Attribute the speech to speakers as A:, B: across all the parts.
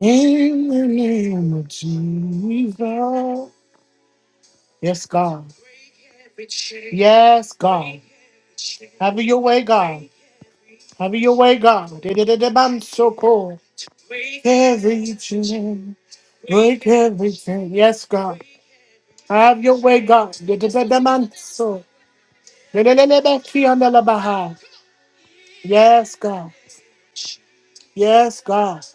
A: in the name of Jesus. Yes, God. Yes, God. Have your way, God. Have your way, God. I'm so cool. Every Break every everything. Yes, God. Have your way, God, I'm so. Yes, God. Yes, God.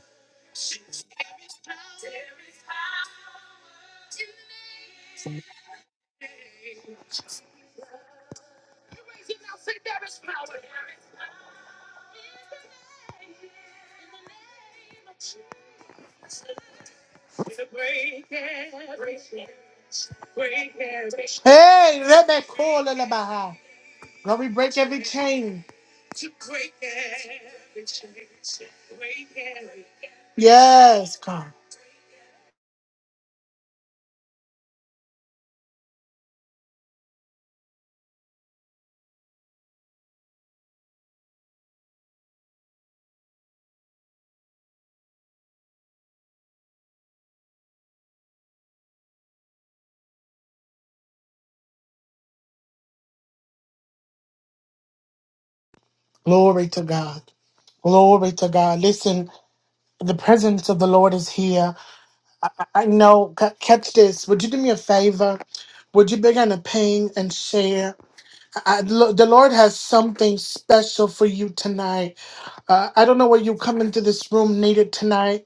A: Hey, Rebekolelebaha. God, we break every chain. Yes, God. Glory to God. Glory to God. Listen, the presence of the Lord is here. I, I I know. ca- Catch this. Would you do me a favor? Would you begin to ping and share? I, the Lord has something special for you tonight. Uh, I don't know what you come into this room needed tonight.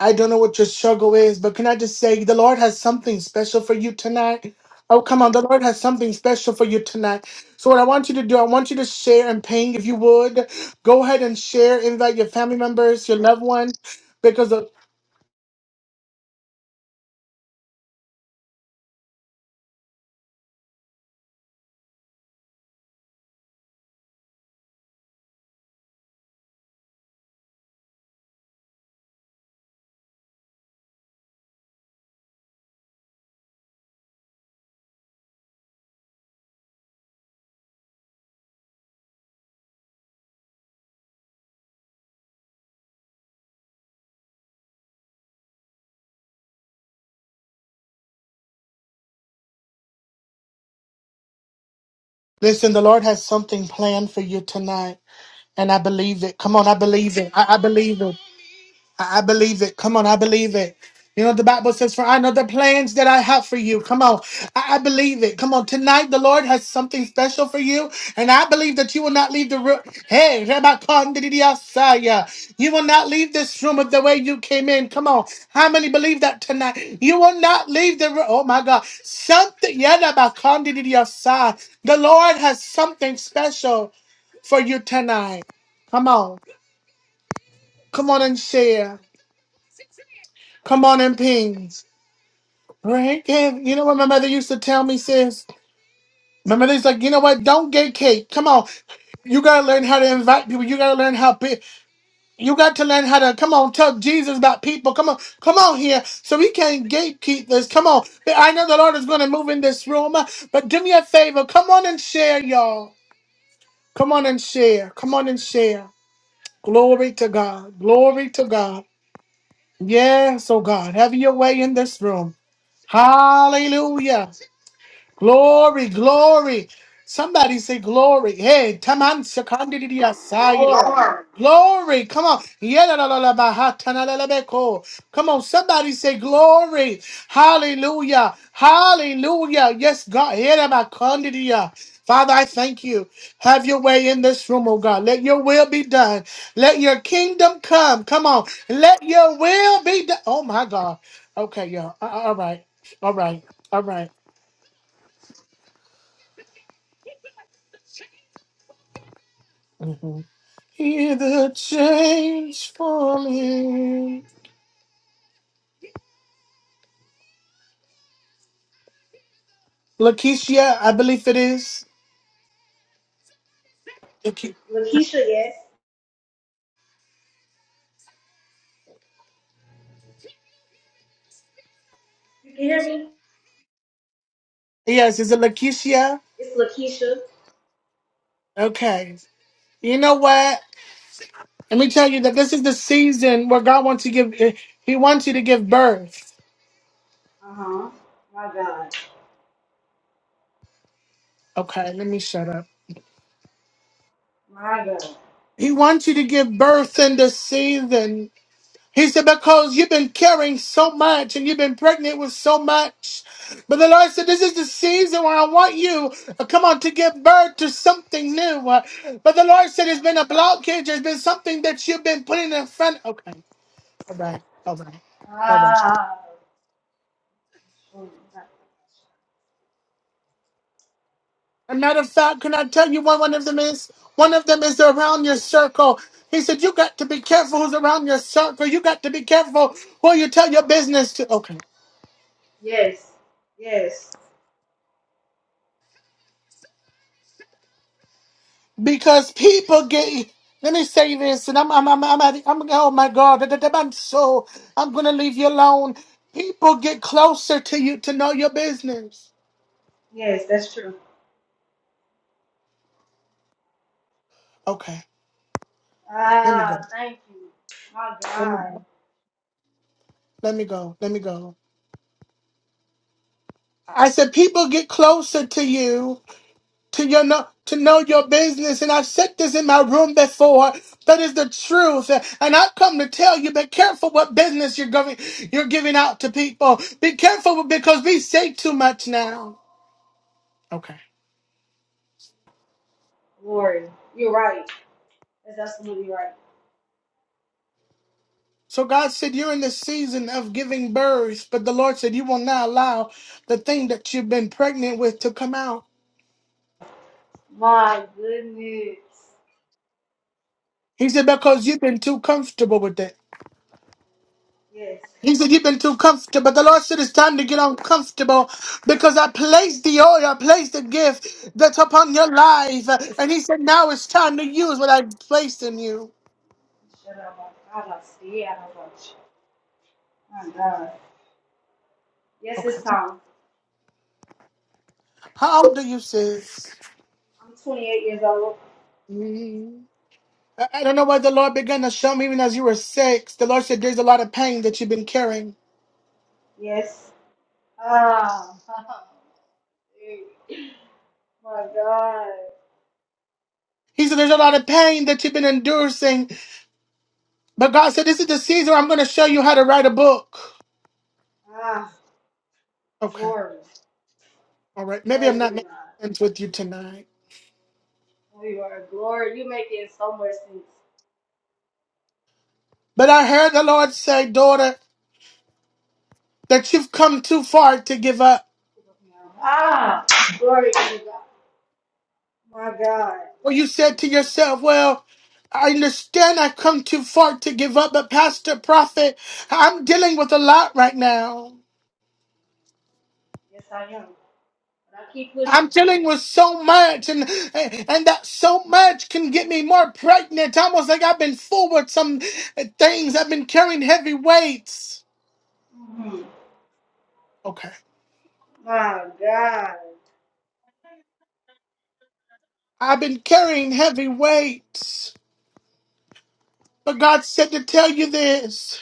A: I don't know what your struggle is, but can I just say the Lord has something special for you tonight? Oh, come on. The Lord has something special for you tonight. So, what I want you to do, I want you to share and ping if you would. Go ahead and share, invite your family members, your loved ones, because uh, listen, the Lord has something planned for you tonight. And I believe it. Come on, I believe it. I, I believe it. I, I believe it. Come on, I believe it. You know, the Bible says, For I know the plans that I have for you. Come on, I, I believe it. Come on, tonight the Lord has something special for you, and I believe that you will not leave the room. Hey, Rabbi Kondidiyasaya, you will not leave this room of the way you came in. Come on, how many believe that tonight? You will not leave the room. Oh my God, something, yeah, Rabbi Kondidiyasaya. the Lord has something special for you tonight. Come on, come on and share. Come on and pings. Break it. You know what my mother used to tell me, sis? My mother's like, you know what? Don't get cake. Come on. You gotta learn how to invite people. You gotta learn how pe- you got to learn how to come on, tell Jesus about people. Come on, come on here. So we can't gatekeep this. Come on. I know the Lord is gonna move in this room, but do me a favor. Come on and share, y'all. Come on and share. Come on and share. Glory to God. Glory to God. Yes, oh God. Have your way in this room. Hallelujah. Glory, glory. Somebody say glory. Hey, taman sekandidiya saya.
B: Glory.
A: Glory. Glory. Come on. Yedalalalabahatalalabeko. Come on. Somebody say glory. Hallelujah. Hallelujah. Yes, God. Yedabakandidiya. Father, I thank you. Have your way in this room, oh God. Let your will be done. Let your kingdom come. Come on. Let your will be done. Oh my God. Okay, y'all. A- a- All right. All right. All right. Mm-hmm. Hear the change falling. Lakeisha, I believe it is. Lake-
B: Lakeisha, yes. You can hear me?
A: Yes, is it Lakeisha?
B: It's Lakeisha.
A: Okay. You know what? Let me tell you that this is the season where God wants to give. eh, He wants you to give birth.
B: Uh huh. My God.
A: Okay, let me shut up.
B: My God.
A: He wants you to give birth in this season. He said, Because you've been carrying so much and you've been pregnant with so much. But the Lord said, This is the season where I want you, uh, come on, to give birth to something new. Uh, But the Lord said, There's been a blockage, there's been something that you've been putting in front. Okay, all right, all right, all right. As
B: Ah.
A: a matter of fact, can I tell you what one of them is? One of them is around your circle. He said, You got to be careful who's around your circle. You got to be careful who you tell your business to. Okay.
B: Yes. Yes.
A: Because people get. Let me say this, and I'm, I'm, I'm, I'm, at- I'm oh my God, that- that- that- I'm so, I'm gonna leave you alone. People get closer to you to know your business.
B: Yes, that's true.
A: Okay, let me go.
B: Ah, thank you. My God.
A: Let me go. Let me go. I said people get closer to you to your know to know your business, and I've said this in my room before. That is the truth, and I've come to tell you: be careful what business you're giving you're giving out to people. Be careful because we say too much now. Okay.
B: Glory. You're right. That's absolutely right.
A: So God said, You're in the season of giving birth, but the Lord said, You will not allow the thing that you've been pregnant with to come out.
B: My goodness.
A: He said, Because you've been too comfortable with it.
B: Yes.
A: He said, You've been too comfortable. But the Lord said, It's time to get uncomfortable because I placed the oil, I placed the gift that's upon your life. And He said, Now it's time to use what I placed in you.
B: Shut up. I got scared. I got you. My God. Yes,
A: Okay.
B: it's time.
A: How old are you, sis?
B: I'm 28 years old.
A: Mm. I I don't know why the Lord began to show me even as you were six. The Lord said, There's a lot of pain that you've been carrying.
B: Yes. Ah, my God.
A: He said, There's a lot of pain that you've been enduring. But God said, This is the season where I'm going to show you how to write a book.
B: Ah,
A: Okay.
B: glory.
A: All right. Maybe I'm
B: Glory be
A: not
B: to
A: making
B: God.
A: sense with you tonight.
B: Oh, You are glory. you make it so much sense
A: But I heard the Lord say, Daughter, that you've come too far to give up.
B: Ah, glory be to God. My God.
A: Or you said to yourself, Well, I understand I've come too far to give up, but Pastor Prophet, I'm dealing with a lot right now.
B: Yes, I am. But I keep
A: I'm
B: pushing.
A: dealing with so much, and and that so much can get me more pregnant. Almost like I've been full with some things. I've been carrying heavy weights.
B: hmm
A: Okay,
B: My God.
A: I've been carrying heavy weights, but God said to tell you this.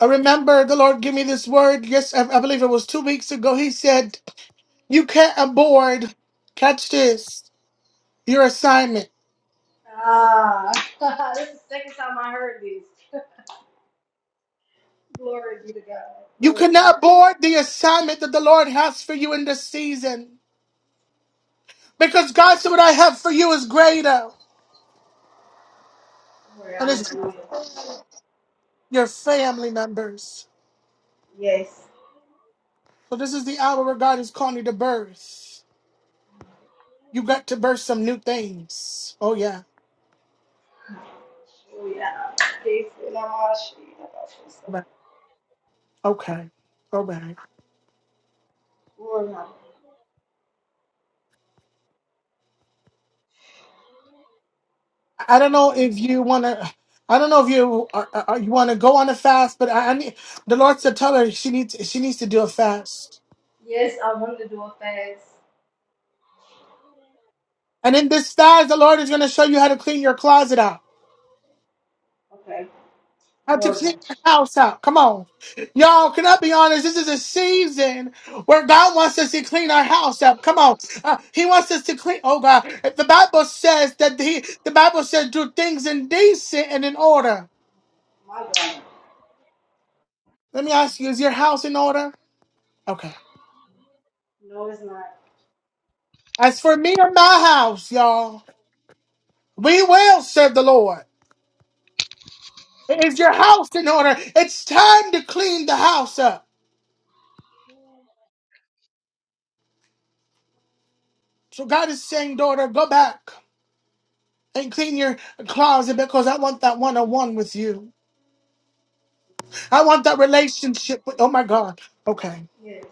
A: I remember the Lord gave me this word. Yes, I, I believe it was two weeks ago. He said, "You can't abort. Catch this. Your assignment.
B: Ah, this is the second time I heard this. Glory be to God.
A: You
B: Glory be to
A: cannot
B: God.
A: abort the assignment that the Lord has for you in this season." Because God said, What I have for you is greater,
B: Glory,
A: and it's
B: hallelujah.
A: your family members.
B: Yes.
A: So, this is the hour where God is calling you to birth. You got to birth some new things. Oh, yeah. Okay. Okay. Okay. I don't know if you want to. I don't know if you are, are, are- you want to go on a fast, but I, I need the Lord to tell her she needs she needs to do a fast.
B: Yes, I want to do a fast.
A: And in this fast, the Lord is going to show you how to clean your closet out.
B: Okay.
A: Have to
B: Glory.
A: clean the house out. Come on. Y'all, can I be honest? This is a season where God wants us to clean our house up. Come on. Uh, he wants us to clean. Oh, God. The Bible says that he, the Bible says do things in decent and in order.
B: My God.
A: Let me ask you, is your house in order? Okay.
B: No, it's not.
A: As for me and my house, y'all, we will serve the Lord. Is your house in order? It's time to clean the house up. So God is saying, daughter, go back. and clean your closet because I want that one on one with you. I want that relationship with, oh my God. Okay.
B: Yes.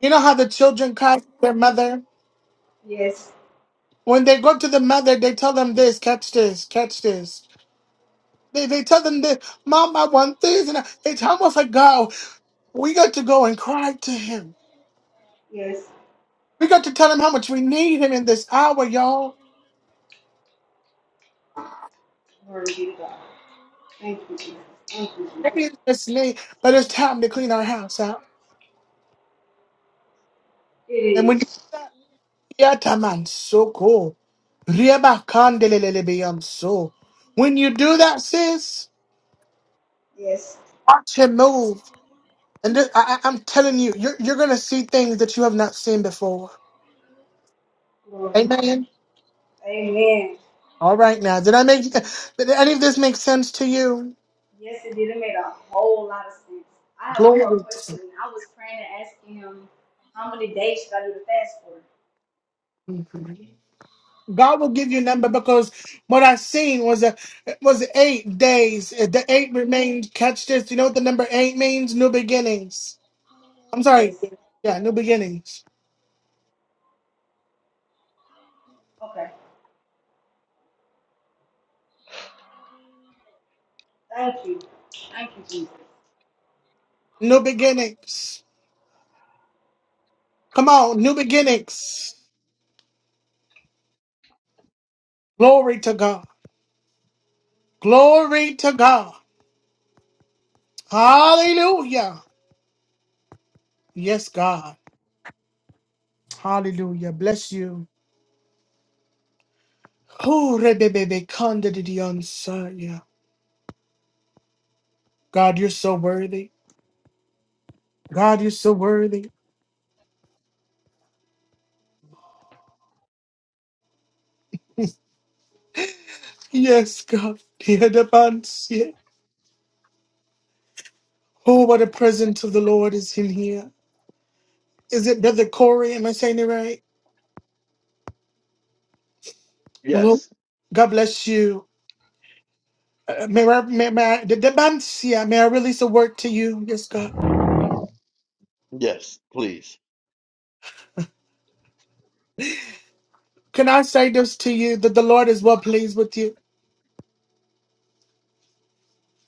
A: You know how the children cry to their mother?
B: Yes.
A: When they go to the mother, they tell them this, catch this, catch this. They, they tell them this, Mom, I want this. And I, it's almost like God, we got to go and cry to Him.
B: Yes.
A: We got to tell Him how much we need Him in this hour, y'all.
B: Glory be to God. Thank you, Jesus. Thank you, Jesus.
A: Maybe it's just late, but it's time to clean our house out.
B: It
A: And when you
B: is.
A: do that, yeah, man, so cool. Rieba kandelelele beyonso. When you do that, sis,
B: Yes.
A: watch him move. And th- I, I- I'm telling you, you're, you're going to see things that you have not seen before.
B: Glory.
A: Amen.
B: Amen.
A: All right, now, did I make did any of this make sense to you?
B: Yes, it did. It made a whole lot of sense. I have one
A: Glory.
B: more question. I was praying and asking him, how many days should I do the fast for?
A: Mhm. God will give you a number because what I seen was a it was eight days. The eight remained. Catch this. You know what the number eight means? New beginnings. I'm sorry.
B: Yes.
A: Yeah, new beginnings.
B: Okay. Thank you. Thank you, Jesus.
A: New beginnings. Come on, new beginnings. Glory to God. Glory to God. Hallelujah. Yes, God. Hallelujah. Bless you. Ooh, rebebebe, kandadidiansaya. God, you're so worthy. God, you're so worthy. Yes, God. Diadabansie. Oh, what a presence of the Lord is in here. Is it Brother Corey? Am I saying it right? Hello.
C: Yes,
A: God bless you. Uh, may, I, may, may, I, Didabansia, may I release a word to you? Yes, God.
C: yes, please.
A: Can I say this to you that the Lord is well pleased with you?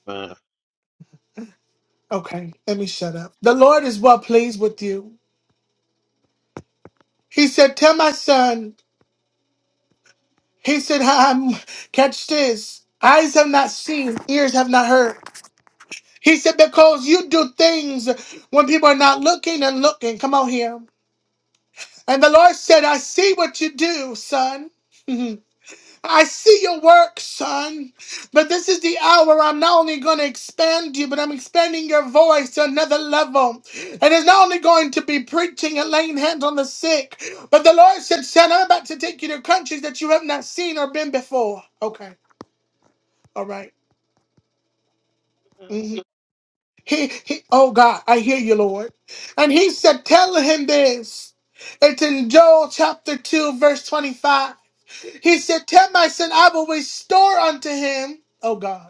C: Uh,
A: Okay, let me shut up. The Lord is well pleased with you. He said, Tell my son, he said, um, catch this. Eyes have not seen, ears have not heard. He said, Because you do things when people are not looking and looking. Come on here. And the Lord said, I see what you do, son. I see your work, son. But this is the hour I'm not only going to expand you, but I'm expanding your voice to another level. And it's not only going to be preaching and laying hands on the sick, but the Lord said, son, I'm about to take you to countries that you have not seen or been before. Okay. All right. Mhm. He, he, oh God, I hear you, Lord. And he said, tell him this. It's in Joel chapter 2, verse 25. He said, tell my son, I will restore unto him. Oh God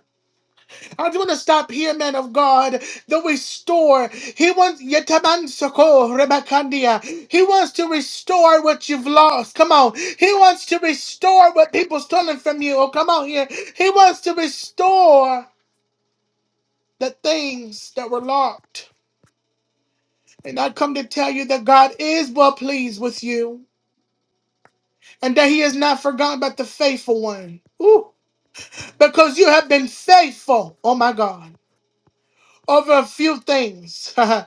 A: I just want to stop here, man of God. The restore. He wants Yetamansoko Rebakandia. He wants to restore what you've lost. Come on. He wants to restore what people stolen from you. Oh, come on here. He wants to restore the things that were locked. And I come to tell you that God is well pleased with you. And that he has not forgotten about the faithful one. Ooh. Because you have been faithful, oh my God, over a few things.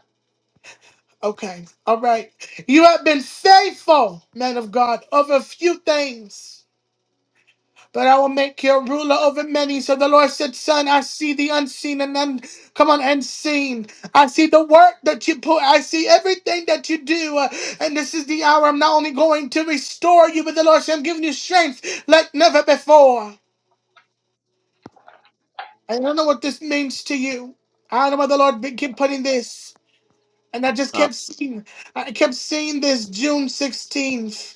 A: Okay. All right. You have been faithful, man of God, over a few things. But I will make you a ruler over many. So the Lord said, Son, I see the unseen and un- come on, unseen. I see the work that you put. I see everything that you do. Uh, and this is the hour I'm not only going to restore you, but the Lord said, I'm giving you strength like never before. I don't know what this means to you. I don't know why the Lord be- keep putting this. And I just
C: uh,
A: kept seeing, I kept seeing this June 16th.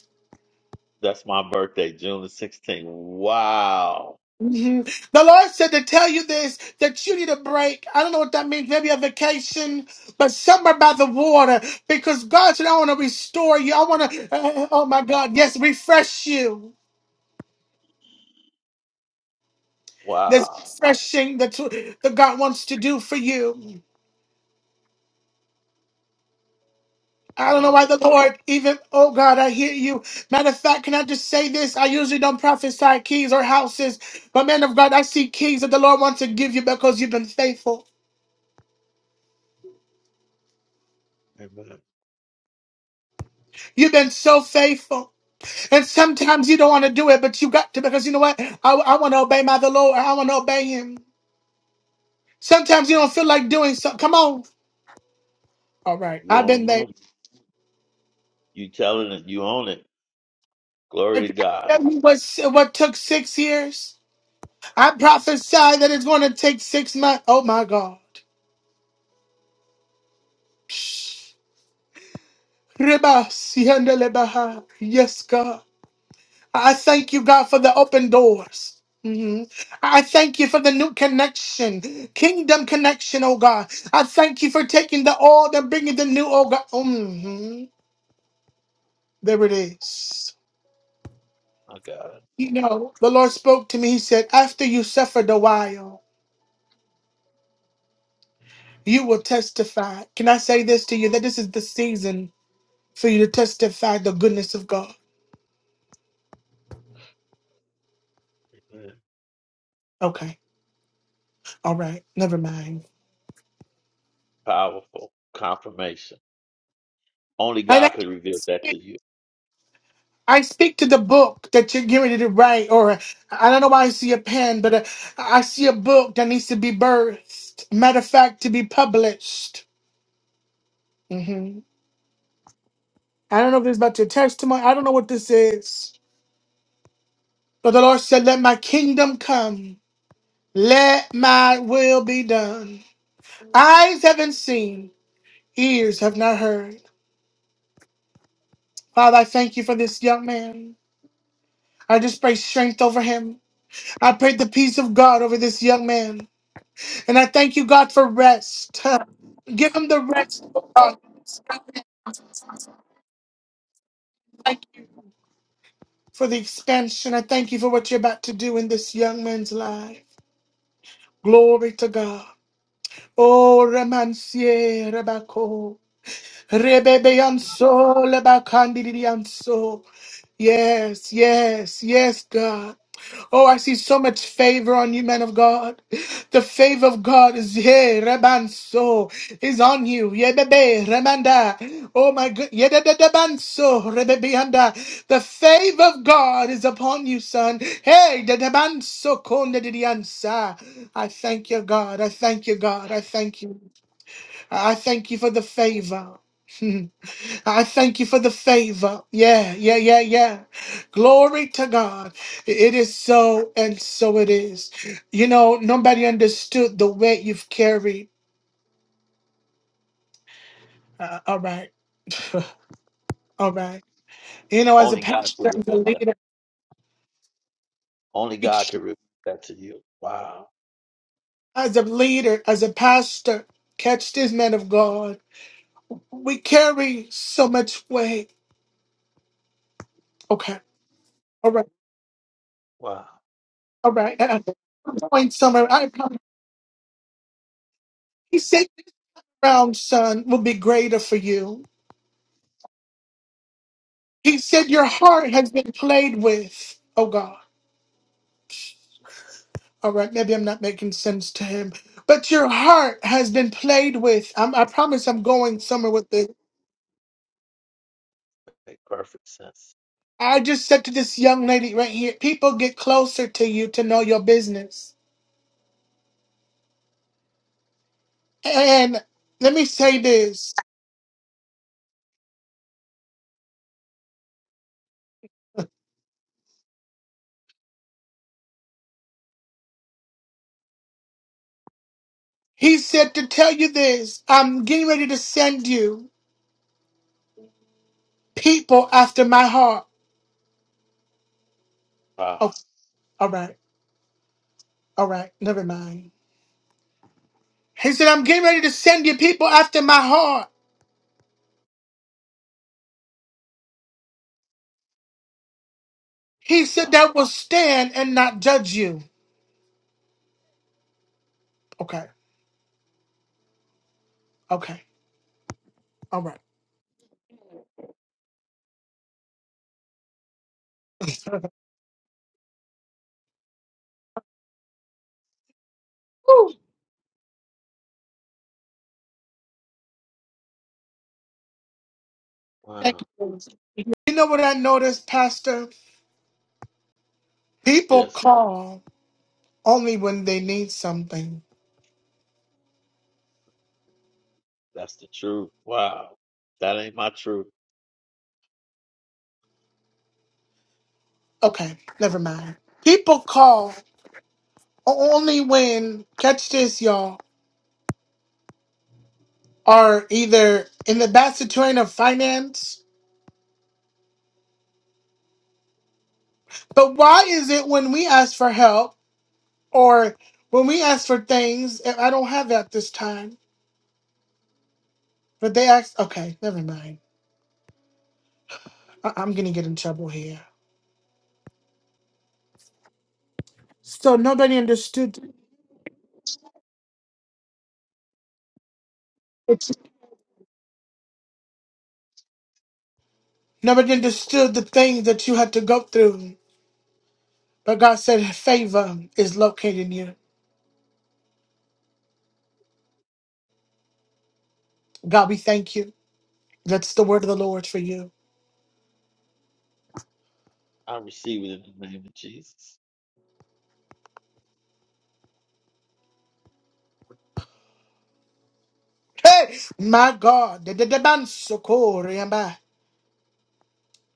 C: that's my birthday, June the 16th. Wow,
A: Mhm. The Lord said to tell you this that you need a break. I don't know what that means, maybe a vacation, but somewhere by the water because God said, I want to restore you. I want to, oh my God, yes, refresh you. There's
C: wow.
A: refreshing that, that God wants to do for you. I don't know
C: My
A: why the Lord even, oh God, I hear you. Matter of fact, can I just say this? I usually don't prophesy keys or houses, but man of God, I see keys that the Lord wants to give you because you've been faithful.
C: God. Amen.
A: You've been so faithful. And sometimes you don't want to do it, but you got to because you know what? I, I want to obey my the Lord. I want to obey Him. Sometimes you don't feel like doing something. Come on. All right,
C: You
A: I've been
C: own the
A: there.
C: money. You telling it. You own it. Glory
A: If
C: to
A: I
C: God.
A: tell you What what took six years? I prophesy that it's going to take six months. Oh my God. Reba, sianda lebaha. Yes, God. I thank you, God, for the open doors. Mhm. I thank you for the new connection, kingdom connection, oh God. I thank you for taking the old and bringing the new, oh God. Mhm. There it is.
C: My God.
A: You know, the Lord spoke to me. He said, After you suffered a while, you will testify. Can I say this to you that this is the season for you to testify the goodness of God?
C: Amen.
A: Okay. All right. Never mind.
C: Powerful confirmation. Only God could reveal that to you.
A: I speak to the book that you're getting ready to write, or I don't know why I see a pen, but uh, I see a book that needs to be birthed. Matter of fact, to be published. hmm I don't know if this is about your testimony. I don't know what this is. But the Lord said, Let my kingdom come, let my will be done. Eyes haven't seen, ears have not heard. Father, I thank you for this young man. I just pray strength over him. I pray the peace of God over this young man. And I thank you, God, for rest. Give them the rest, oh God. Thank you for the expansion. I thank you for what you're about to do in this young man's life. Glory to God. Oh, Remansier, Rebecca. Rebebe anso, lebakandidi anso. Yes, yes, yes, God. Oh, I see so much favor on you, men of God. The favor of God is here, Rebanso, is on you. Yebebe, Remanda. Oh my good, Yededebanso, Rebebeanda. The favor of God is upon you, son. Hey, Dedebanso, Kondediansa. I thank you, God. I thank you, God. I thank you. I thank you for the favor. I thank you for the favor. Yeah, yeah, yeah, yeah. Glory to God. It is so, and so it is. You know, nobody understood the weight you've carried. Uh, all right. all right. You know, as a
C: Only God could
A: pastor, as a
C: reveal that.
A: leader,
C: Only God could reveal that to you. Wow,
A: as a leader, as a pastor, catch this man of God. We carry so much weight. Okay. All right.
C: wow.
A: All right. I- I'm going somewhere. I promise. He said crown, son, will be greater for you. He said, Your heart has been played with, oh God. All right, maybe I'm not making sense to him, but your heart has been played with. I'm, I promise I'm going somewhere with this.
C: Make perfect sense.
A: I just said to this young lady right here people get closer to you to know your business. And let me say this He said to tell you this I'm getting ready to send you people after my heart.
C: Wow,
A: Oh, all right, all right, never mind. He said, I'm getting ready to send you people after my heart. He said,
C: wow,
A: that will stand and not judge you. Okay, okay, all right. Thank you.
C: wow.
A: You know what I noticed, Pastor? People
C: Yes,
A: call only when they need something.
C: that's the truth. Wow. That ain't my truth.
A: Okay, never mind. People call only when, catch this, y'all, are either in the bad situation of finance. But why is it when we ask for help or when we ask for things, and I don't have that this time? But they asked, okay, never mind. I- I'm gonna get in trouble here. So nobody understood. Nobody understood the things that you had to go through. But God said, favor is locating you. God, we thank you. That's the word of the Lord for you.
C: I receive it in the name of Jesus.
A: Hey, my God. the- the- the man so cool, remember.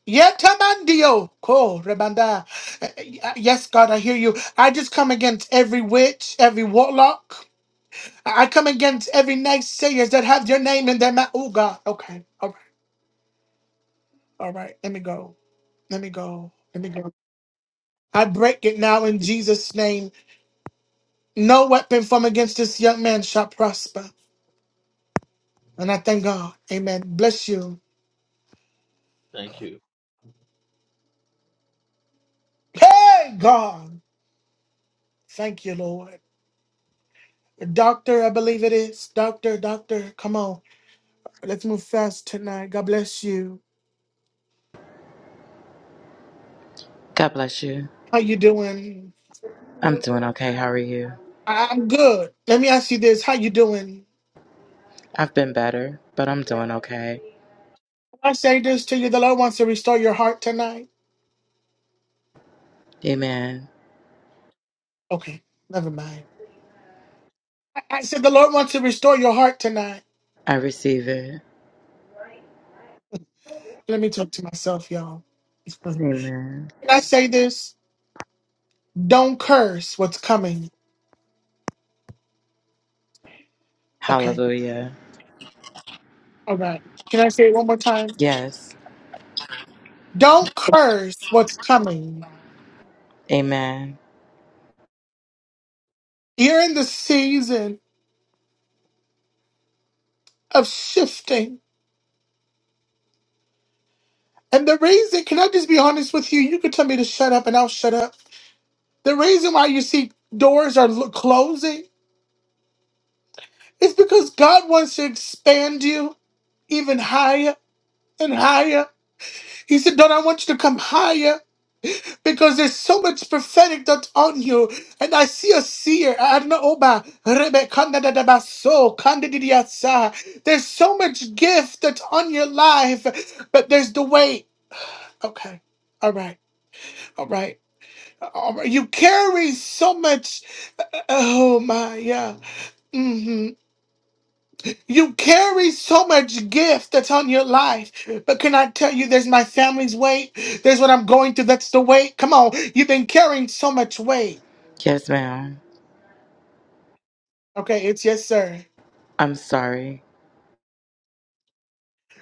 A: Yetamandio, ko rebanda. Uh, uh, Yes, God, I hear you. I just come against every witch, every warlock. I I come against every naysayers that have your name in their mouth. Oh, God. Okay. okay. All right, let me go. Let me go. Let me go. I break it now in Jesus' name. No weapon from against this young man shall prosper. And I thank God. Amen. Bless you.
C: Thank you.
A: Hey, God. Thank you, Lord. Doctor, I believe it is. Doctor, doctor, come on. Let's move fast tonight. God bless you.
D: God bless you.
A: How you doing?
D: I'm doing okay. How are you?
A: I- I'm good. Let me ask you this. How you doing?
D: I've been better, but I'm doing okay.
A: I say this to you. The Lord wants to restore your heart tonight.
D: Amen.
A: Okay, never mind. I I said the Lord wants to restore your heart tonight.
D: I receive it.
A: Let me talk to myself, y'all. It's fun.
D: Amen.
A: Can I say this? Don't curse what's coming. Okay.
D: Hallelujah.
A: All right. Can I say it one more time?
D: Yes.
A: Don't curse what's coming.
D: Amen.
A: You're in the season of shifting. And the reason, can I just be honest with you? You can tell me to shut up and I'll shut up. The reason why you see doors are lo- closing is because God wants to expand you even higher and higher. He said, Don't I want you to come higher? Because there's so much prophetic that's on you, and I see a seer. Adna Oba, Rebe Kanda da da Baso, Kanda di di Asa. There's so much gift that's on your life, but there's the weight. Okay, all right, all right. All right. You carry so much. Oh my, yeah. hmm You carry so much gift that's on your life, but can I tell you, there's my family's weight. There's what I'm going through. That's the weight. Come on, you've been carrying so much weight.
D: Yes, ma'am.
A: Okay, it's yes, sir.
D: I'm sorry.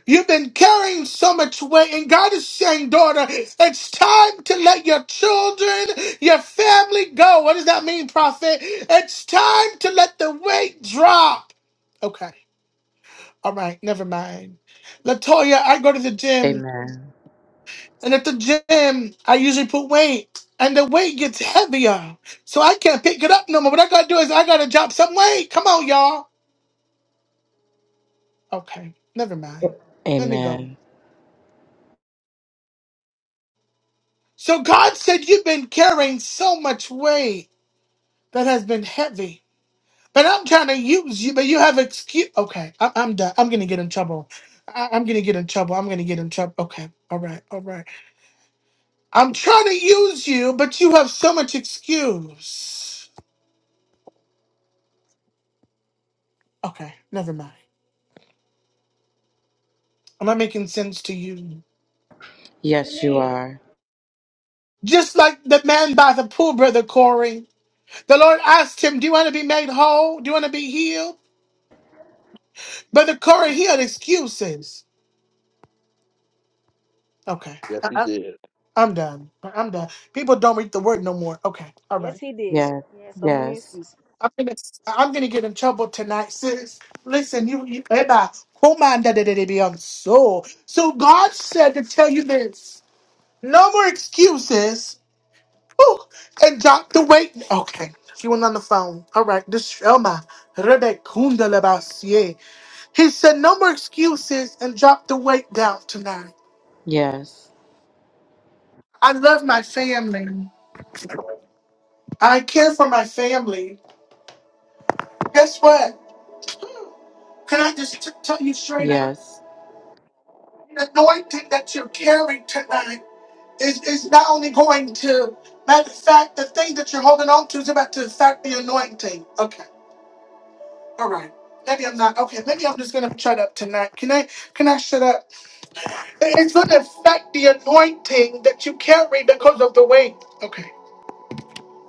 A: You've been carrying so much weight, and God is saying, daughter, it's time to let your children, your family go. What does that mean, prophet? It's time to let the weight drop. Okay, all right, never mind. Latoya, I go to the gym,
D: Amen.
A: and at the gym, I usually put weight, and the weight gets heavier, so I can't pick it up no more. What I gotta do is I gotta drop some weight. Come on, y'all. Okay, never mind. Let me go.
D: Amen.
A: So God said, You've been carrying so much weight that has been heavy. But I'm trying to use you, but you have excuse. Okay, I- I'm done. I'm going to get in trouble. I- I'm going to get in trouble. I'm going to get in trouble. Okay, all right, all right. I'm trying to use you, but you have so much excuse. Okay, never mind. Am I making sense to you?
D: Yes, you are.
A: Just like the man by the pool, Brother Corey. The Lord asked him, Do you want to be made whole? Do you want to be healed? Brother Corey, he had excuses. Okay.
C: Yes, he did.
A: I'm done. I'm done. People don't read the word no more. Okay. All
B: Yes,
A: right.
B: he did.
D: Yes.
B: He had so many
D: Yes.
B: excuses.
A: I'm gonna I'm gonna get in trouble tonight, sis. Listen, you, you Eba, who mind that it be on so. So God said to tell you this. No more excuses. Ooh, and drop the weight. Okay. She went on the phone. All right. This Elma. Rebekundalabasie. He said, No more excuses and drop the weight down tonight.
D: Yes.
A: I love my family. I care for my family. Guess what? Can I just t- tell you straight up?
D: Yes.
A: The anointing that you're carrying tonight is, is not only going to, matter of fact, the thing that you're holding on to is about to affect the anointing. Okay, all right. Maybe I'm not okay. Maybe I'm just gonna shut up tonight. Can I? Can I shut up? It- It's gonna affect the anointing that you carry because of the weight. Okay,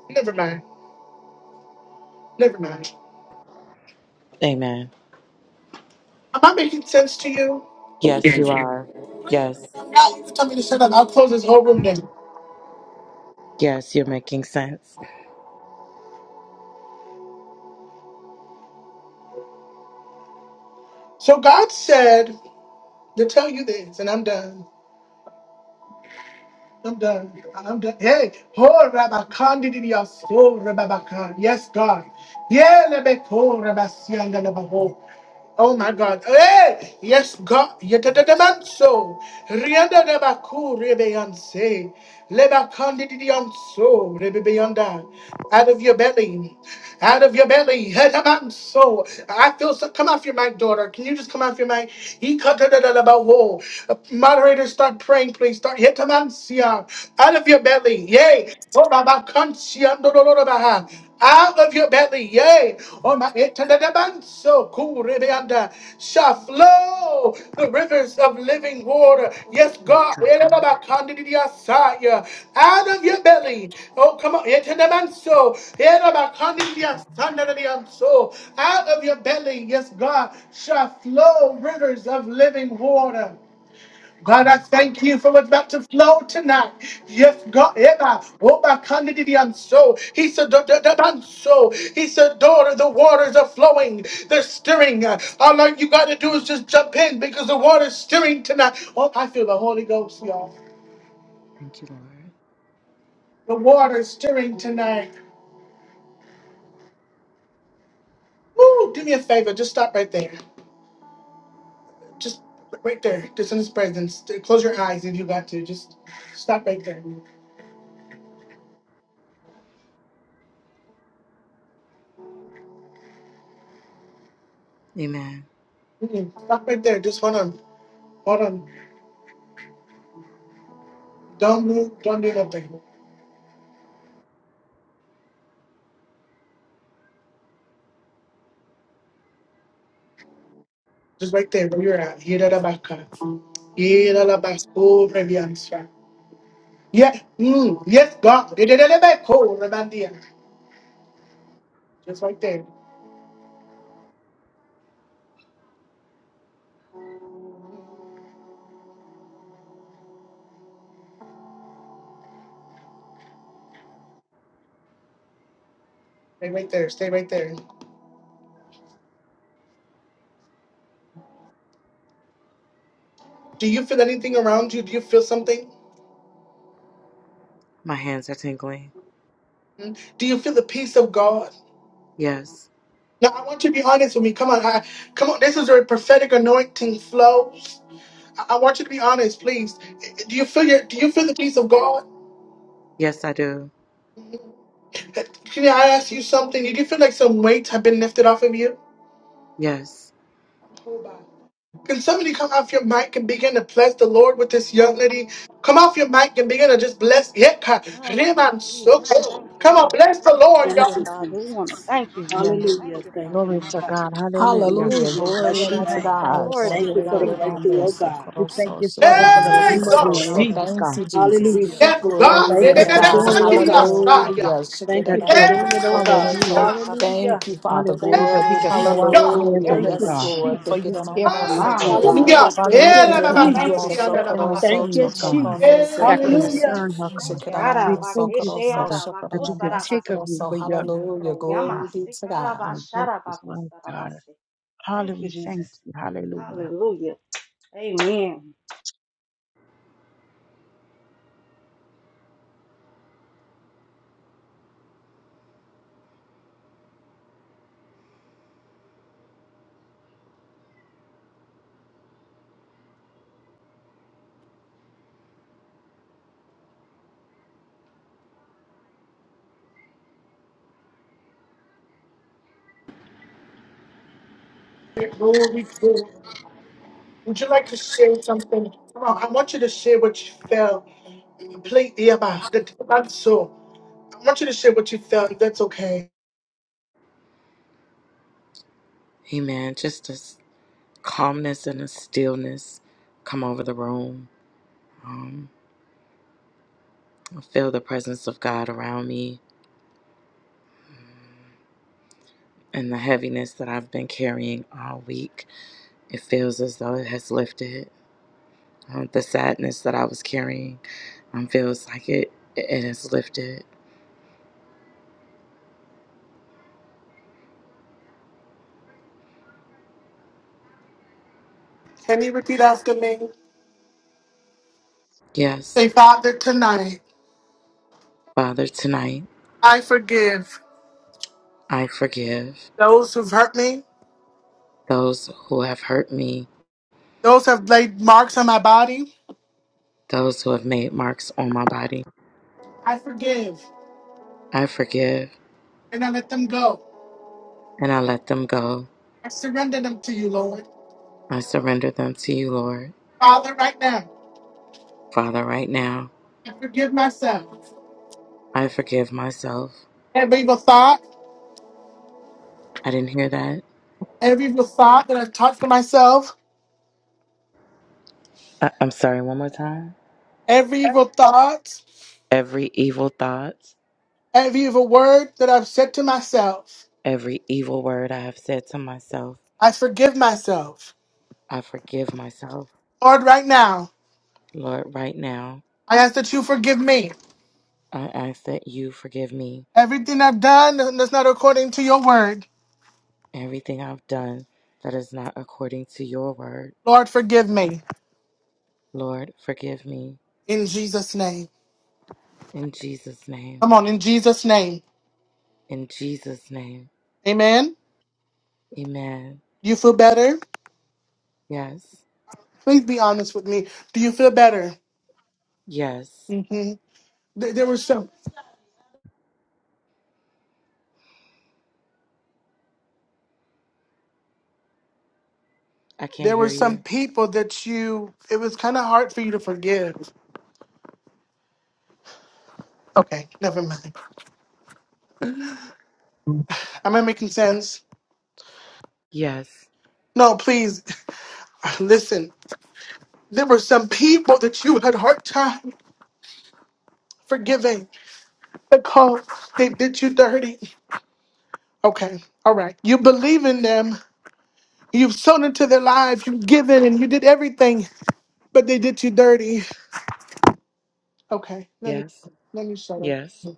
A: never mind. Never mind.
D: Amen.
A: Am I making sense to you?
D: Yes, you are. Yes.
A: If not, you can tell me to shut up. I'll close this whole room down.
D: Yes, you're making sense.
A: So God said to tell you this, and I'm done. I'm done. I'm done. Hey, ho rabakandi di so rabakandi. Yes, God. Yeah, lebeko rabasianda lebaho. Oh my God. Hey! Yes, God. Yetatamanso. Rianda de Baku Rebeyanse. Lebakandi Dionso Rebeyanda. Out of your belly. Out of your belly. Hetamanso. I feel so. Come off your mic, daughter. Can you just come off your mic? Yikatadadadabaho. Moderators, start praying, please. Start. Yetamansia. Out of your belly. Yay. Torabakansiandororobaha. Out of your belly, yea, oh my, etandadabanso, kurebeanda, shall flow the rivers of living water. Yes, God, erabakandidiasaya. out of your belly, oh come on, etandadabanso, erabakandidiasandadidianso. out of your belly, yes, God, shall flow rivers of living water. God, I thank you for what's about to flow tonight. Yes, God, Eva, Woba Kandidi and so. He said, "Da- da- da- da- so." He said, daughter, the waters are flowing, they're stirring. All you got to do is just jump in because the water's stirring tonight. Oh, I feel the Holy Ghost, y'all.
D: Thank you, Lord.
A: The water's stirring tonight. Woo, do me a favor, just stop right there. Just right there, just in His presence. Close your eyes if you got to. Just stop right there.
D: Amen.
A: Mm, Stop right there. Just hold on. Hold on. Don't move. Don't do nothing. Just right there where you're at. Yera la baka. Yera la bas- oh, reviansa. Yeah. Mm. Yes, God. Yedelebeco, rebandia. Just right there. Stay right there. Stay right there. Do you feel anything around you? Do you feel something?
D: My hands are tingling.
A: Mm. Do you feel the peace of God?
D: Yes.
A: Now I want you to be honest with me. Come on, I, come on. This is where prophetic anointing flows. I, I want you to be honest, please. Do you feel your? Do you feel the peace of God?
D: Yes, I do.
A: Can I ask you something? Do you feel like some weights have been lifted off of you?
D: Yes.
A: Can somebody come off your mic and begin to bless the Lord with this young lady? Come off your mic and begin to just bless. Yeka,
B: Thank you,
A: Reman
B: Jesus.
A: Soko.
B: Thank you,
A: Come on,
B: Lord.
A: bless the Lord,
B: Thank
E: Thank
B: you,
A: y'all.
E: you,
B: Father. We want to
E: Jesus.
B: thank you,
F: Yeah,
B: Jesus.
E: Hallelujah.
B: Thank you, Father.
E: Thank you,
F: glory
E: Lord
F: to
E: God.
F: God. Hallelujah.
G: Hallelujah.
B: Hallelujah.
E: Oh,
F: Yeah,
G: Glory
E: bless
F: Lord,
G: be
E: your
F: I
G: to
F: don't
E: name.
F: fire,
G: God.
B: Glory
F: God.
B: be
E: Thank
F: We
B: to
E: you for the
F: praise
B: God.
F: you,
E: breakthrough,
F: Lord.
E: oh God.
F: We
B: Thank
F: thank
B: you,
F: you, Father,
E: In
B: Jesus,
F: for
E: the
F: the
B: for
A: Hey,
B: the
F: relief
E: name
B: weight
E: of
A: God.
B: lifted
F: being
B: off her,
F: lifted,
B: Father.
G: Thank
E: Jesus.
F: God.
G: you,
F: We
E: Hallelujah.
B: Thanks
G: Jesus.
F: thank
B: for
A: Yes,
F: you,
B: keeping
A: God.
F: Father,
G: Glory
B: her,
A: Hey,
G: be
E: Thank
B: oh
E: you
F: because
G: to
E: for
F: we
B: God.
F: know that
G: God.
B: Thank
E: doing it,
B: you,
F: we
E: oh God.
B: Father
A: God.
F: stand,
B: God.
F: Father,
G: Hallelujah.
E: Thank you
F: that
E: for
B: Thank
F: your
B: you
E: doing
B: for
E: it,
B: your
E: oh God.
B: saving
F: hallelujah,
B: grace,
A: yeah.
B: Father God,
E: Hallelujah.
G: Thank you,
B: Jesus.
G: Father.
E: Thank
F: hallelujah,
E: you,
F: that we
G: Glory.
F: can
B: Thank you,
F: throw
A: Hey,
F: our
B: Father
E: Jesus.
B: God,
A: God.
B: for
F: prayers
G: Hallelujah.
F: on
E: Thank
F: you,
E: you,
B: everything,
G: Yes,
F: God.
B: Father God.
G: Lord.
F: For
B: Thank you for
F: you
E: Jesus.
G: Hallelujah.
F: care
B: keeping
F: for
B: her
F: us,
B: mind, oh
F: Father.
B: God.
A: Hallelujah.
E: Hallelujah.
F: Father,
B: We
E: Thank
F: we
A: Hey,
E: you,
B: want
A: la,
F: thank
B: to
A: la,
F: you
B: say
A: la,
F: that
E: Jesus.
A: ta,
F: you
B: thank you,
A: si,
F: are
A: la, la, la,
B: Jesus.
F: perfecting
A: la.
F: those
E: Thank you,
F: things,
B: Thank you,
F: God,
B: Jesus.
E: Jesus.
F: that
B: Thank you, Holy
A: Hey,
E: Hallelujah.
F: concern
B: Spirit.
F: her,
B: Thank
F: God.
B: you.
F: We thank you,
B: Arabakeshe,
F: Father, that you could take of
B: arabakosarabase.
F: you for your,
B: Andro,
F: your,
G: Glory be
B: yamase,
G: to
F: our
G: God.
F: book is life, God.
B: karabasharabakosarabase.
F: Father,
B: Thank you,
F: we thank
B: Jesus.
F: you. Hallelujah.
B: Hallelujah. Amen.
A: Glory, glory. Would you like to share something? Come on, I want you to share what you felt. Play yeah, ma, the so. I want you to share what you felt. if That's okay.
D: Amen. Just a s- calmness and a stillness come over the room. Um, I feel the presence of God around me and the heaviness that I've been carrying all week. It feels as though it has lifted. Um, the sadness that I was carrying um, feels like it, it has lifted.
A: Can you repeat after me?
D: Yes,
A: Say, Father, tonight
D: Father, tonight
A: I forgive
D: I forgive.
A: those who've hurt me,
D: those who have hurt me,
A: those who have laid marks on my body.
D: those who have made marks on my body.
A: I forgive
D: I forgive
A: and I let them go.
D: and I let them go.
A: I surrender them to you, Lord.
D: I surrender them to you, Lord.
A: Father, right now,
D: Father, right now,
A: I forgive myself.
D: I forgive myself.
A: Every evil thought,
D: I didn't hear that.
A: every evil thought that I've taught for myself,
D: I- I'm sorry, one more time.
A: every evil thought.
D: Every evil thought,
A: Every evil word that I've said to myself,
D: every evil word I have said to myself,
A: I forgive myself.
D: I forgive myself.
A: Lord, right now,
D: Lord, right now,
A: I ask that you forgive me.
D: I ask that you forgive me
A: Everything I've done that's not according to your word,
D: everything I've done that is not according to your word.
A: Lord, forgive me.
D: Lord, forgive me.
A: In Jesus' name.
D: In Jesus' name.
A: Come on, in Jesus' name.
D: In Jesus' name.
A: Amen.
D: Amen.
A: Do you feel better?
D: Yes.
A: Please be honest with me. Do you feel better?
D: Yes.
A: hmm There, there were some.
D: I can't
A: There were
D: hear
A: some
D: you.
A: people that you. It was kind of hard for you to forgive. Okay, never mind. Am I making sense?
D: Yes.
A: No, please listen. There were some people that you had hard time forgiving because they did you dirty. Okay, all right. You believe in them. You've sown into their lives. You've given and you did everything, but they did you dirty. Okay, let me,
D: Yes.
A: let me shut up.
D: Yes.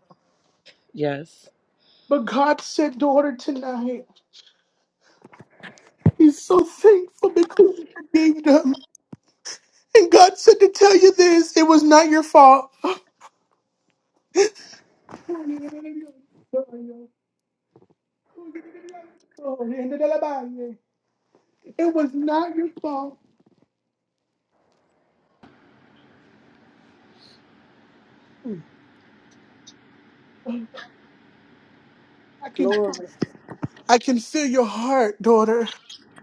D: Yes.
A: But God said, daughter, tonight, He's so thankful because you forgave them. And God said to tell you this, it was not your fault. It was not your fault. I can
E: Glory.
A: I can feel your heart, daughter.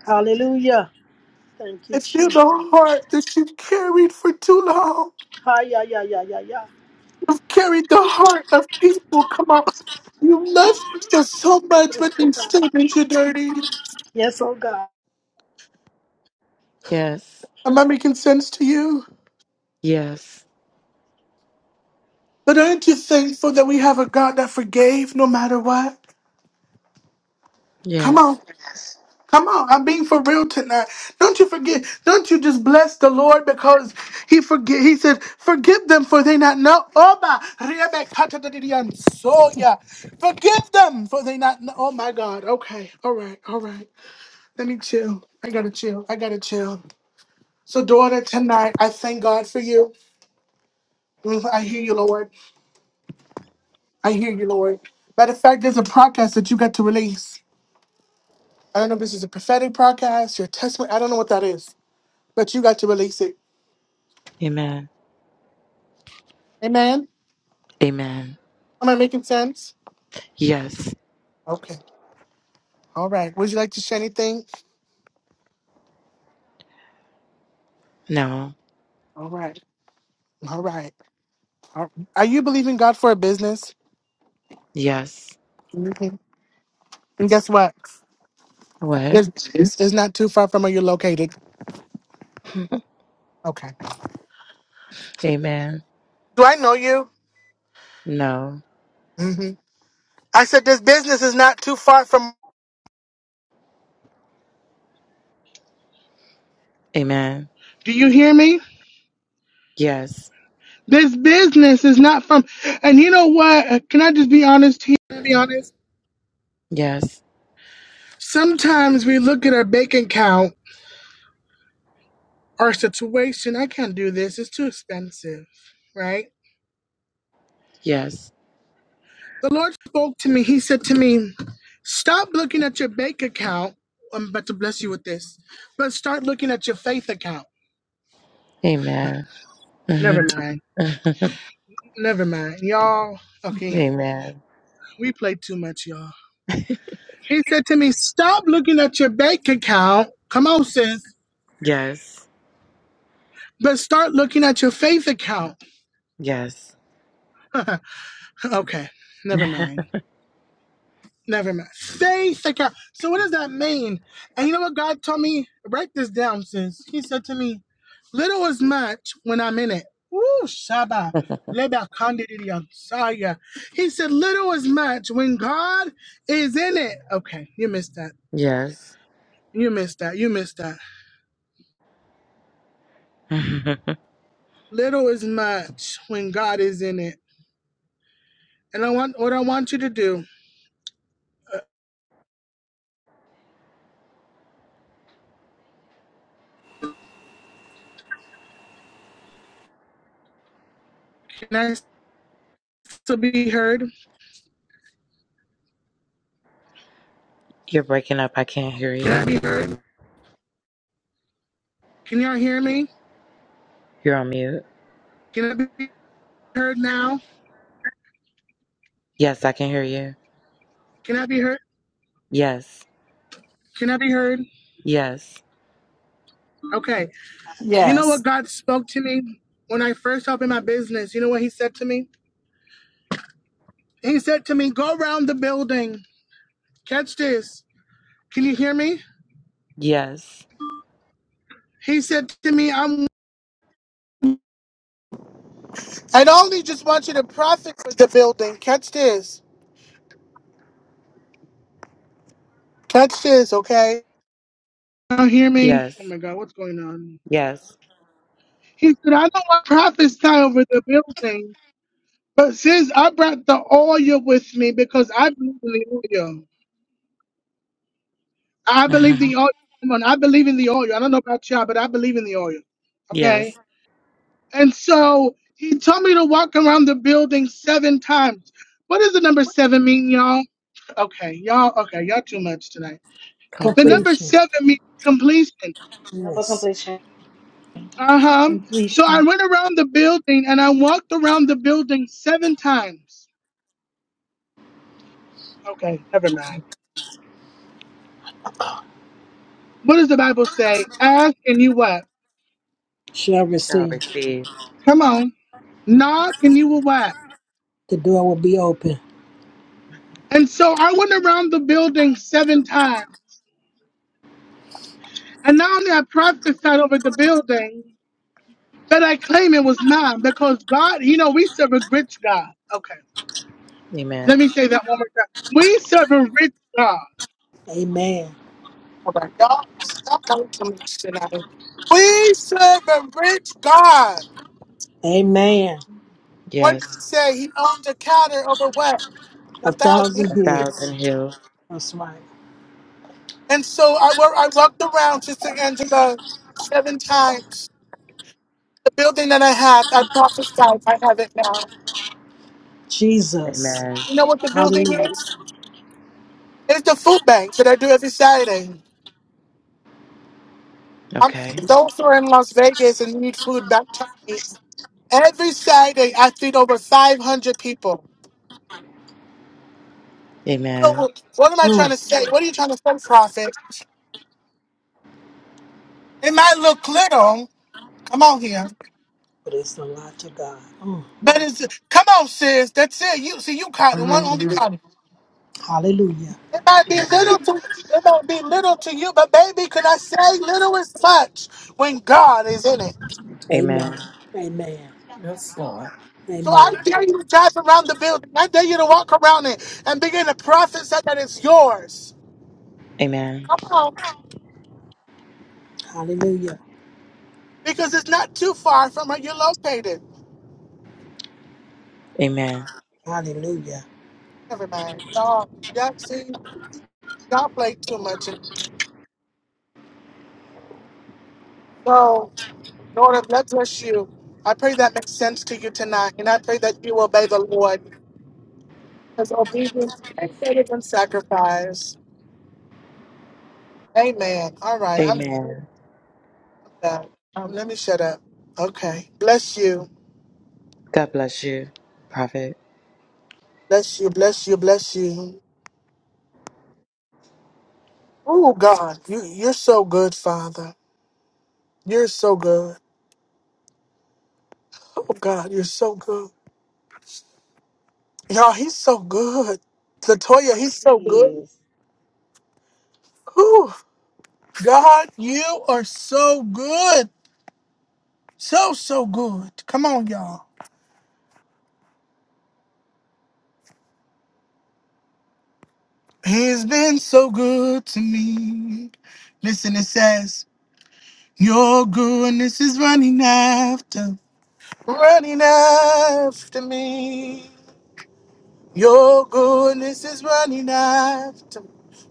E: Hallelujah. Thank you,
A: I feel
E: Jesus.
A: the heart that you've carried for too long.
E: Hi, yeah, yeah, yeah, yeah, yeah.
A: You've carried the heart of people. Come on. You love them so much,
E: Yes,
A: but
E: oh
A: they
E: God.
A: still did you dirty.
E: Yes, oh God.
D: Yes.
A: Am I making sense to you?
D: Yes.
A: But aren't you thankful that we have a God that forgave no matter what? Come on.
D: Yes.
A: Come on, I'm being for real tonight. Don't you forget, don't you just bless the Lord because He forget He said, forgive them for they not know. Oh my soya. Forgive them for they not know. Oh my God. Okay. All right. All right. Let me chill. I gotta chill. I gotta chill. So, daughter, tonight I thank God for you. Mm, I hear you, Lord. I hear you, Lord. Matter of fact, there's a podcast that you got to release. I don't know if this is a prophetic podcast, your testimony. I don't know what that is, but you got to release it.
D: Amen.
A: Amen.
D: Amen.
A: Am I making sense?
D: Yes.
A: Okay. All right. Would you like to share anything?
D: No.
A: All right. All right. All- Are you believing God for a business?
D: Yes.
A: Mhm. And guess what?
D: What?
A: This this is not too far from where you're located. Okay.
D: Amen.
A: Do I know you?
D: No.
A: hmm I said this business is not too far from.
D: Amen.
A: Do you hear me?
D: Yes.
A: This business is not from. And you know what? Uh, Can I just be honest here? Can I Be honest.
D: Yes.
A: Sometimes we look at our bank account, our situation. I can't do this. It's too expensive, right?
D: Yes.
A: The Lord spoke to me. He said to me, Stop looking at your bank account. I'm about to bless you with this, but start looking at your faith account.
D: Amen.
A: Never
D: Mhm.
A: mind. Never mind. Y'all, okay,
D: Amen.
A: we play too much, y'all. He said to me, Stop looking at your bank account. Come on, sis,
D: Yes.
A: but start looking at your faith account.
D: Yes.
A: okay, never mind. Never mind. Faith account. So what does that mean? And you know what God told me? Write this down, sis. He said to me, Little is much when I'm in it. Woo, Shaba. Leba kandidi yansaya. He said, Little is much when God is in it. Okay, you missed that.
D: Yes.
A: You missed that. You missed that. Little is much when God is in it. And I want what I want you to do. Can I still be heard?
D: You're breaking up. I can't hear
A: Can I
D: you.
A: be heard? Can y'all hear me?
D: You're on mute.
A: Can I be heard now?
D: Yes, I can hear you.
A: Can I be heard?
D: Yes.
A: Can I be heard?
D: Yes.
A: Okay. You know
G: Yes.
A: what God spoke to me when I first opened my business? You know what He said to me? He said to me, Go around the building. Catch this. Can you hear me?
D: Yes.
A: He said to me, I'm. I only just want you to profit for the building. Catch this. Catch this, okay? Now hear me? Oh
D: Yes.
A: my God, what's going on?
D: Yes.
A: He said, I don't want prophets prophesy over the building, but since I brought the oil with me because I believe in the oil. I believe
D: hmm
A: the oil. Come on, I believe in the oil. I don't know about y'all, but I believe in the oil. Okay.
D: Yes.
A: And so he told me to walk around the building seven times. What does the number seven mean, y'all? Okay, y'all. Okay, y'all too much tonight. The
D: Complete.
A: number
E: completion.
A: seven means completion.
B: Number
E: Yes,
B: completion.
A: Uh huh. So
H: completion
A: I went around the building and I walked around the building seven times. Okay, never mind. What does the Bible say? Ask and you what?
E: shall
D: Shall
E: receive.
D: receive.
A: Come on. Knock and you will what?
E: The door will be open.
A: And so I went around the building seven times. And not only I prophesied over the building, but I claim it was not because God, you know, we serve a rich God. Okay.
D: Amen.
A: Let me say that one more time. We serve a rich God.
E: Amen.
A: Oh my God, stop coming to me tonight. We serve a rich God.
E: Amen.
A: What did he
D: Yes.
A: say? He owned a cattle over what? A
E: A
A: thousand.
D: A
E: thousand years.
D: thousand hills.
E: That's right.
A: And so I, wa- I walked around just Sister Angela seven times. The building that I have, I prophesied I have it now.
E: Jesus.
D: Amen.
A: You know what the building
E: Hallelujah.
A: is? It's the food bank that I do every Saturday. I'm
D: Okay.
A: those who are in Las Vegas and need food back to me. Every Saturday, I feed over 500 people.
D: Amen.
A: So, what am I trying
E: Mm.
A: to say? What are you trying to say, Prophet? It might look little. Come on here,
E: But it's a lot to God. Mm.
A: but it's come on, sis. That's it. You see, you caught it. One only
D: hmm
A: caught it.
E: Hallelujah.
A: It might be
D: Amen.
A: little to it might be little to you, but baby, could I say little is much when God is in it?
E: Amen.
D: Amen.
E: Amen.
G: Yes, Lord.
A: So I
E: Amen.
A: dare you to drive around the building. I dare you to walk around it and begin to prophesy that it's yours.
D: Amen.
A: Come on.
E: Hallelujah.
A: Because it's not too far from where you're located.
D: Amen.
E: Hallelujah.
A: Never mind. No, y'all see, y'all play too much. So, Lord, God bless you. I pray that makes sense to you tonight. And I pray that you obey the Lord. Because obedience is better than sacrifice. Amen. All right, I'm
D: Amen.
A: I'm done. Um, let me shut up. Okay. Bless you.
D: God bless you, Prophet.
A: Bless you. Bless you. Bless you. Oh God, you you're so good, Father. You're so good. Oh God, you're so good. Y'all, he's so good. Latoya,
B: Yes,
A: he's so
B: He
A: good.
B: is.
A: Whew. God, you are so good. So so good. Come on, y'all. He's been so good to me. Listen, it says, Your goodness is running after, running after me. Your goodness is running after,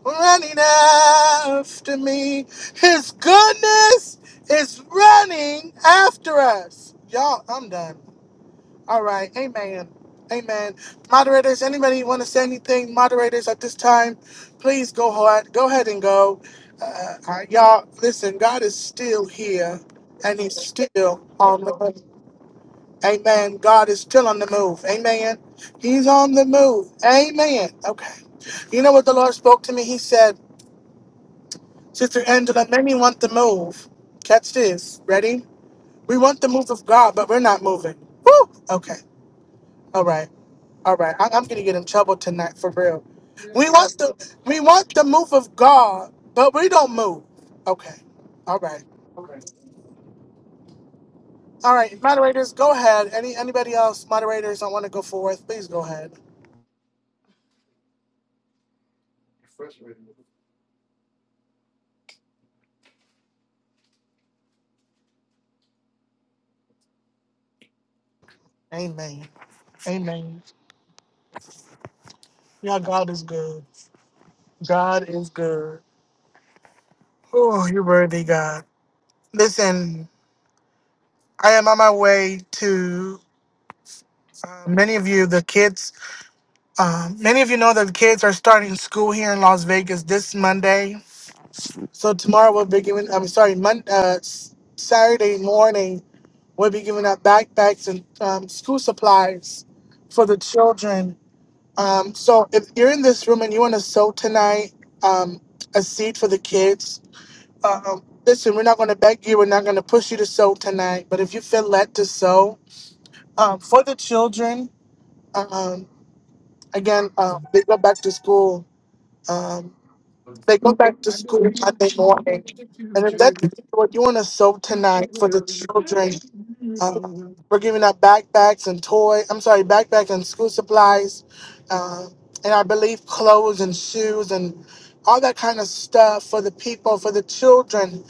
A: running after me. His goodness is running after us. Y'all, I'm done. All right. Amen. Amen. Moderators, anybody want to say anything? Moderators, at this time, please go hard. Go ahead and go. Uh, uh, y'all, listen. God is still here, and He's still
I: Yeah,
A: on the move. Amen. God is still on the move. Amen. He's on the move. Amen. Okay. You know what the Lord spoke to me? He said, Sister Angela, many want the move. Catch this. Ready? We want the move of God, but we're not moving. Woo! Okay. All right. All right. I- I'm gonna get in trouble tonight for real. We
I: you don't
A: want
I: even.
A: the we
I: Okay.
A: want the move of God, but we don't move. Okay. All right.
I: You're
A: All right. Moderators, go ahead. Any anybody else? Moderators, I want to go forth. Please go ahead.
I: Frustrated.
A: Amen. Amen. Yeah, God is good. God is good. Oh, you're worthy, God. Listen, I am on my way to uh, many of you, the kids. Um, many of you know that the kids are starting school here in Las Vegas this Monday. So tomorrow we'll be giving, I'm sorry, Mon- uh, S- Saturday morning, we'll be giving out backpacks and um, school supplies for the children. Um, so if you're in this room and you want to sow tonight um, a seed for the kids, um, listen, we're not going to beg you. We're not going to push you to sew tonight. But if you feel led to sew um, for the children, um, again, um, they go back to school. Um, they go back to
I: I'm gonna
A: school
I: be the
A: Monday
I: chief
A: morning.
I: executive.
A: And if that's what you want to sew
I: Chief
A: tonight
I: of
A: for the
I: everything.
A: children,
I: You
A: uh,
I: know
A: we're giving out backpacks and toy. I'm sorry, backpacks and school supplies, uh, and I believe clothes and shoes and all that kind of stuff for the people, for the children.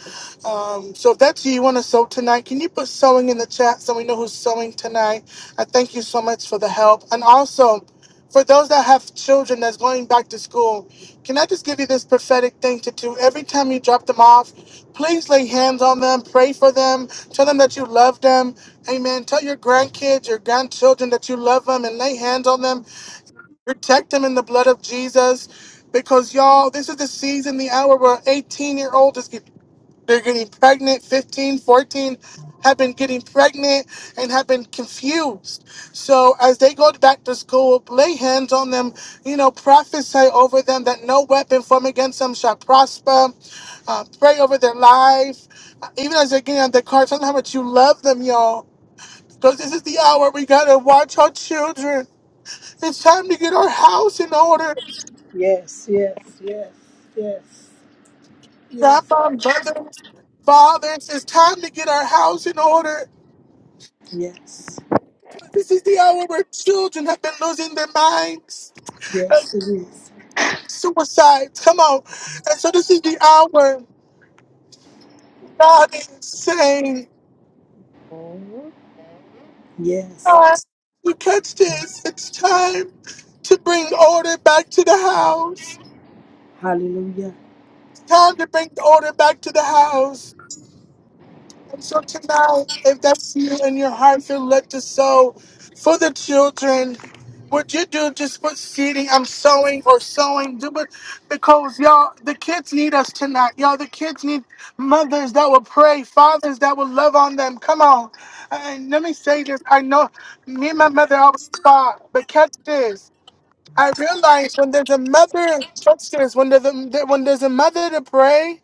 A: Um, so if that's you, you want to sew tonight, can you put sewing in the chat so we know who's sewing tonight? I thank you so much for the help, and also for those that have children that's going back to school. Can I just give you this prophetic thing to do? Every time you drop them off, please lay hands on them, pray for them, tell them that you love them. Amen. Tell your grandkids, your grandchildren that you love them and lay hands on them. Protect them in the blood of Jesus. Because y'all, this is the season, the hour where 18 year olds is they're getting pregnant, 15, 14, have been getting pregnant and have been confused. So as they go back to school, lay hands on them, you know, prophesy over them that no weapon formed against them shall prosper. Uh, pray over their life. Uh, Even as they're getting on the car, tell them how much you love them, y'all. Because this is the hour we gotta watch our children. It's time to get our house in order.
E: Yes, yes, yes, yes, yes,
A: Grandma, brothers, fathers, it's time to get our house in order.
E: Yes.
A: This is the hour where children have been losing their minds.
E: Yes, it is.
A: Suicide, come on. And so this is the hour God is saying,
J: Oh.
E: Yes.
A: "Yes, you catch this. It's time to bring order back to the house.
E: Hallelujah.
A: It's time to bring order back to the house. And so tonight, if that's you and your heart, feel led to sow for the children. What you do, just put seeding, I'm sowing or sowing. Do it because y'all, the kids need us tonight. Y'all, the kids need mothers that will pray, fathers that will love on them. Come on. And let me say this. I know me and my mother always fought, but catch this. I realize when there's a mother, catch this, when there's a, when there's a mother to pray,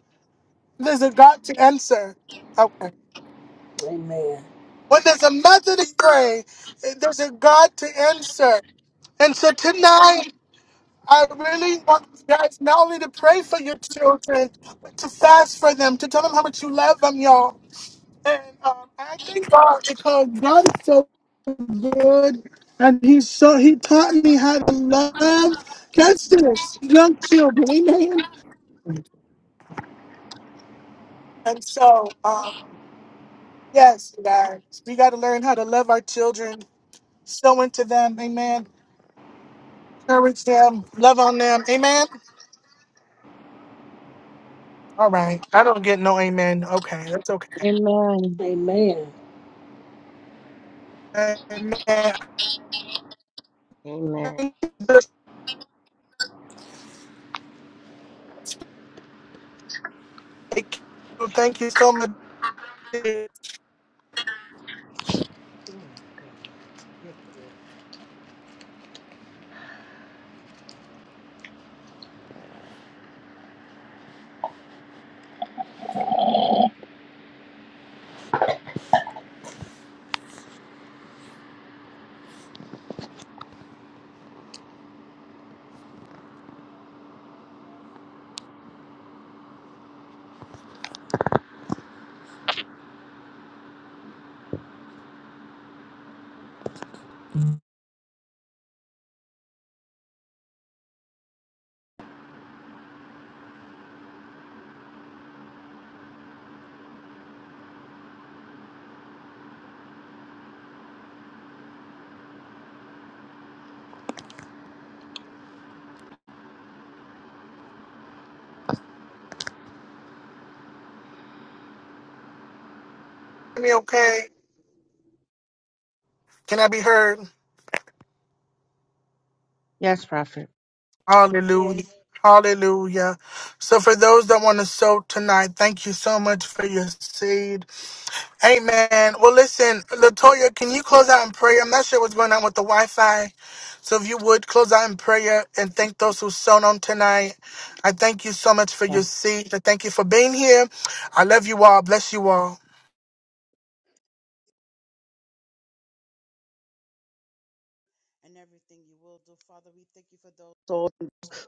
A: there's a God to answer. Okay.
E: Amen.
A: When there's a mother to pray, there's a God to answer. And so tonight, I really want you guys not only to pray for your children, but to fast for them, to tell them how much you love them, y'all. And um, I thank God because God is so good. And he so he taught me how to love catch this young children, amen. And so, um, yes, you guys, we got to learn how to love our children, sow into them, amen Encourage them. Love on them. Amen. All right. I don't get no amen. Okay. That's okay.
F: Amen.
E: Amen.
A: Amen.
K: Amen.
A: Thank you Thank you so much. Hear me okay? Can I be heard?
F: Yes, prophet.
A: Hallelujah.
B: Yes.
A: Hallelujah. So for those that want to sow tonight, thank you so much for your seed. Amen. well listen, Latoya, can you close out in prayer? I'm not sure what's going on with the Wi-Fi, so if you would close out in prayer and thank those who sown on tonight. I thank you so much for
F: Yes.
A: your seat. I thank you for being here. I love you all. Bless you all.
F: and everything you will do. Father, we thank you for those souls.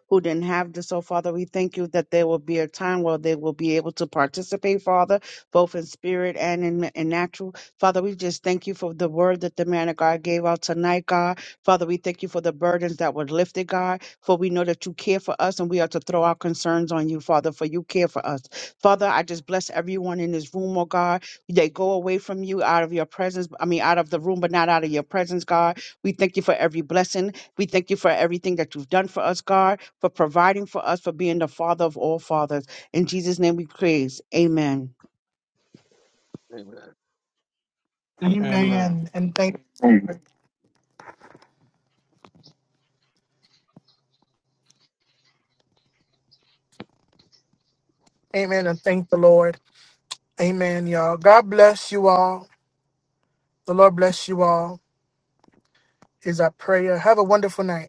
F: who didn't have this. So, Father, we thank you that there will be a time where they will be able to participate, Father, both in spirit and in, in natural. Father, we just thank you for the word that the man of God gave out tonight, God. Father, we thank you for the burdens that were lifted, God, for we know that you care for us and we are to throw our concerns on you, Father, for you care for us. Father, I just bless everyone in this room, oh God. They go away from you out of your presence, I mean, out of the room, but not out of your presence, God. We thank you for every blessing. We thank you for everything that you've done for us, God for providing for us, for being the Father of all fathers. In Jesus' name we praise. Amen.
C: Amen.
L: Amen.
A: Amen. And thank. Amen. And thank the Lord. Amen, y'all. God bless you all. The Lord bless you all. Is our prayer. Have a wonderful night.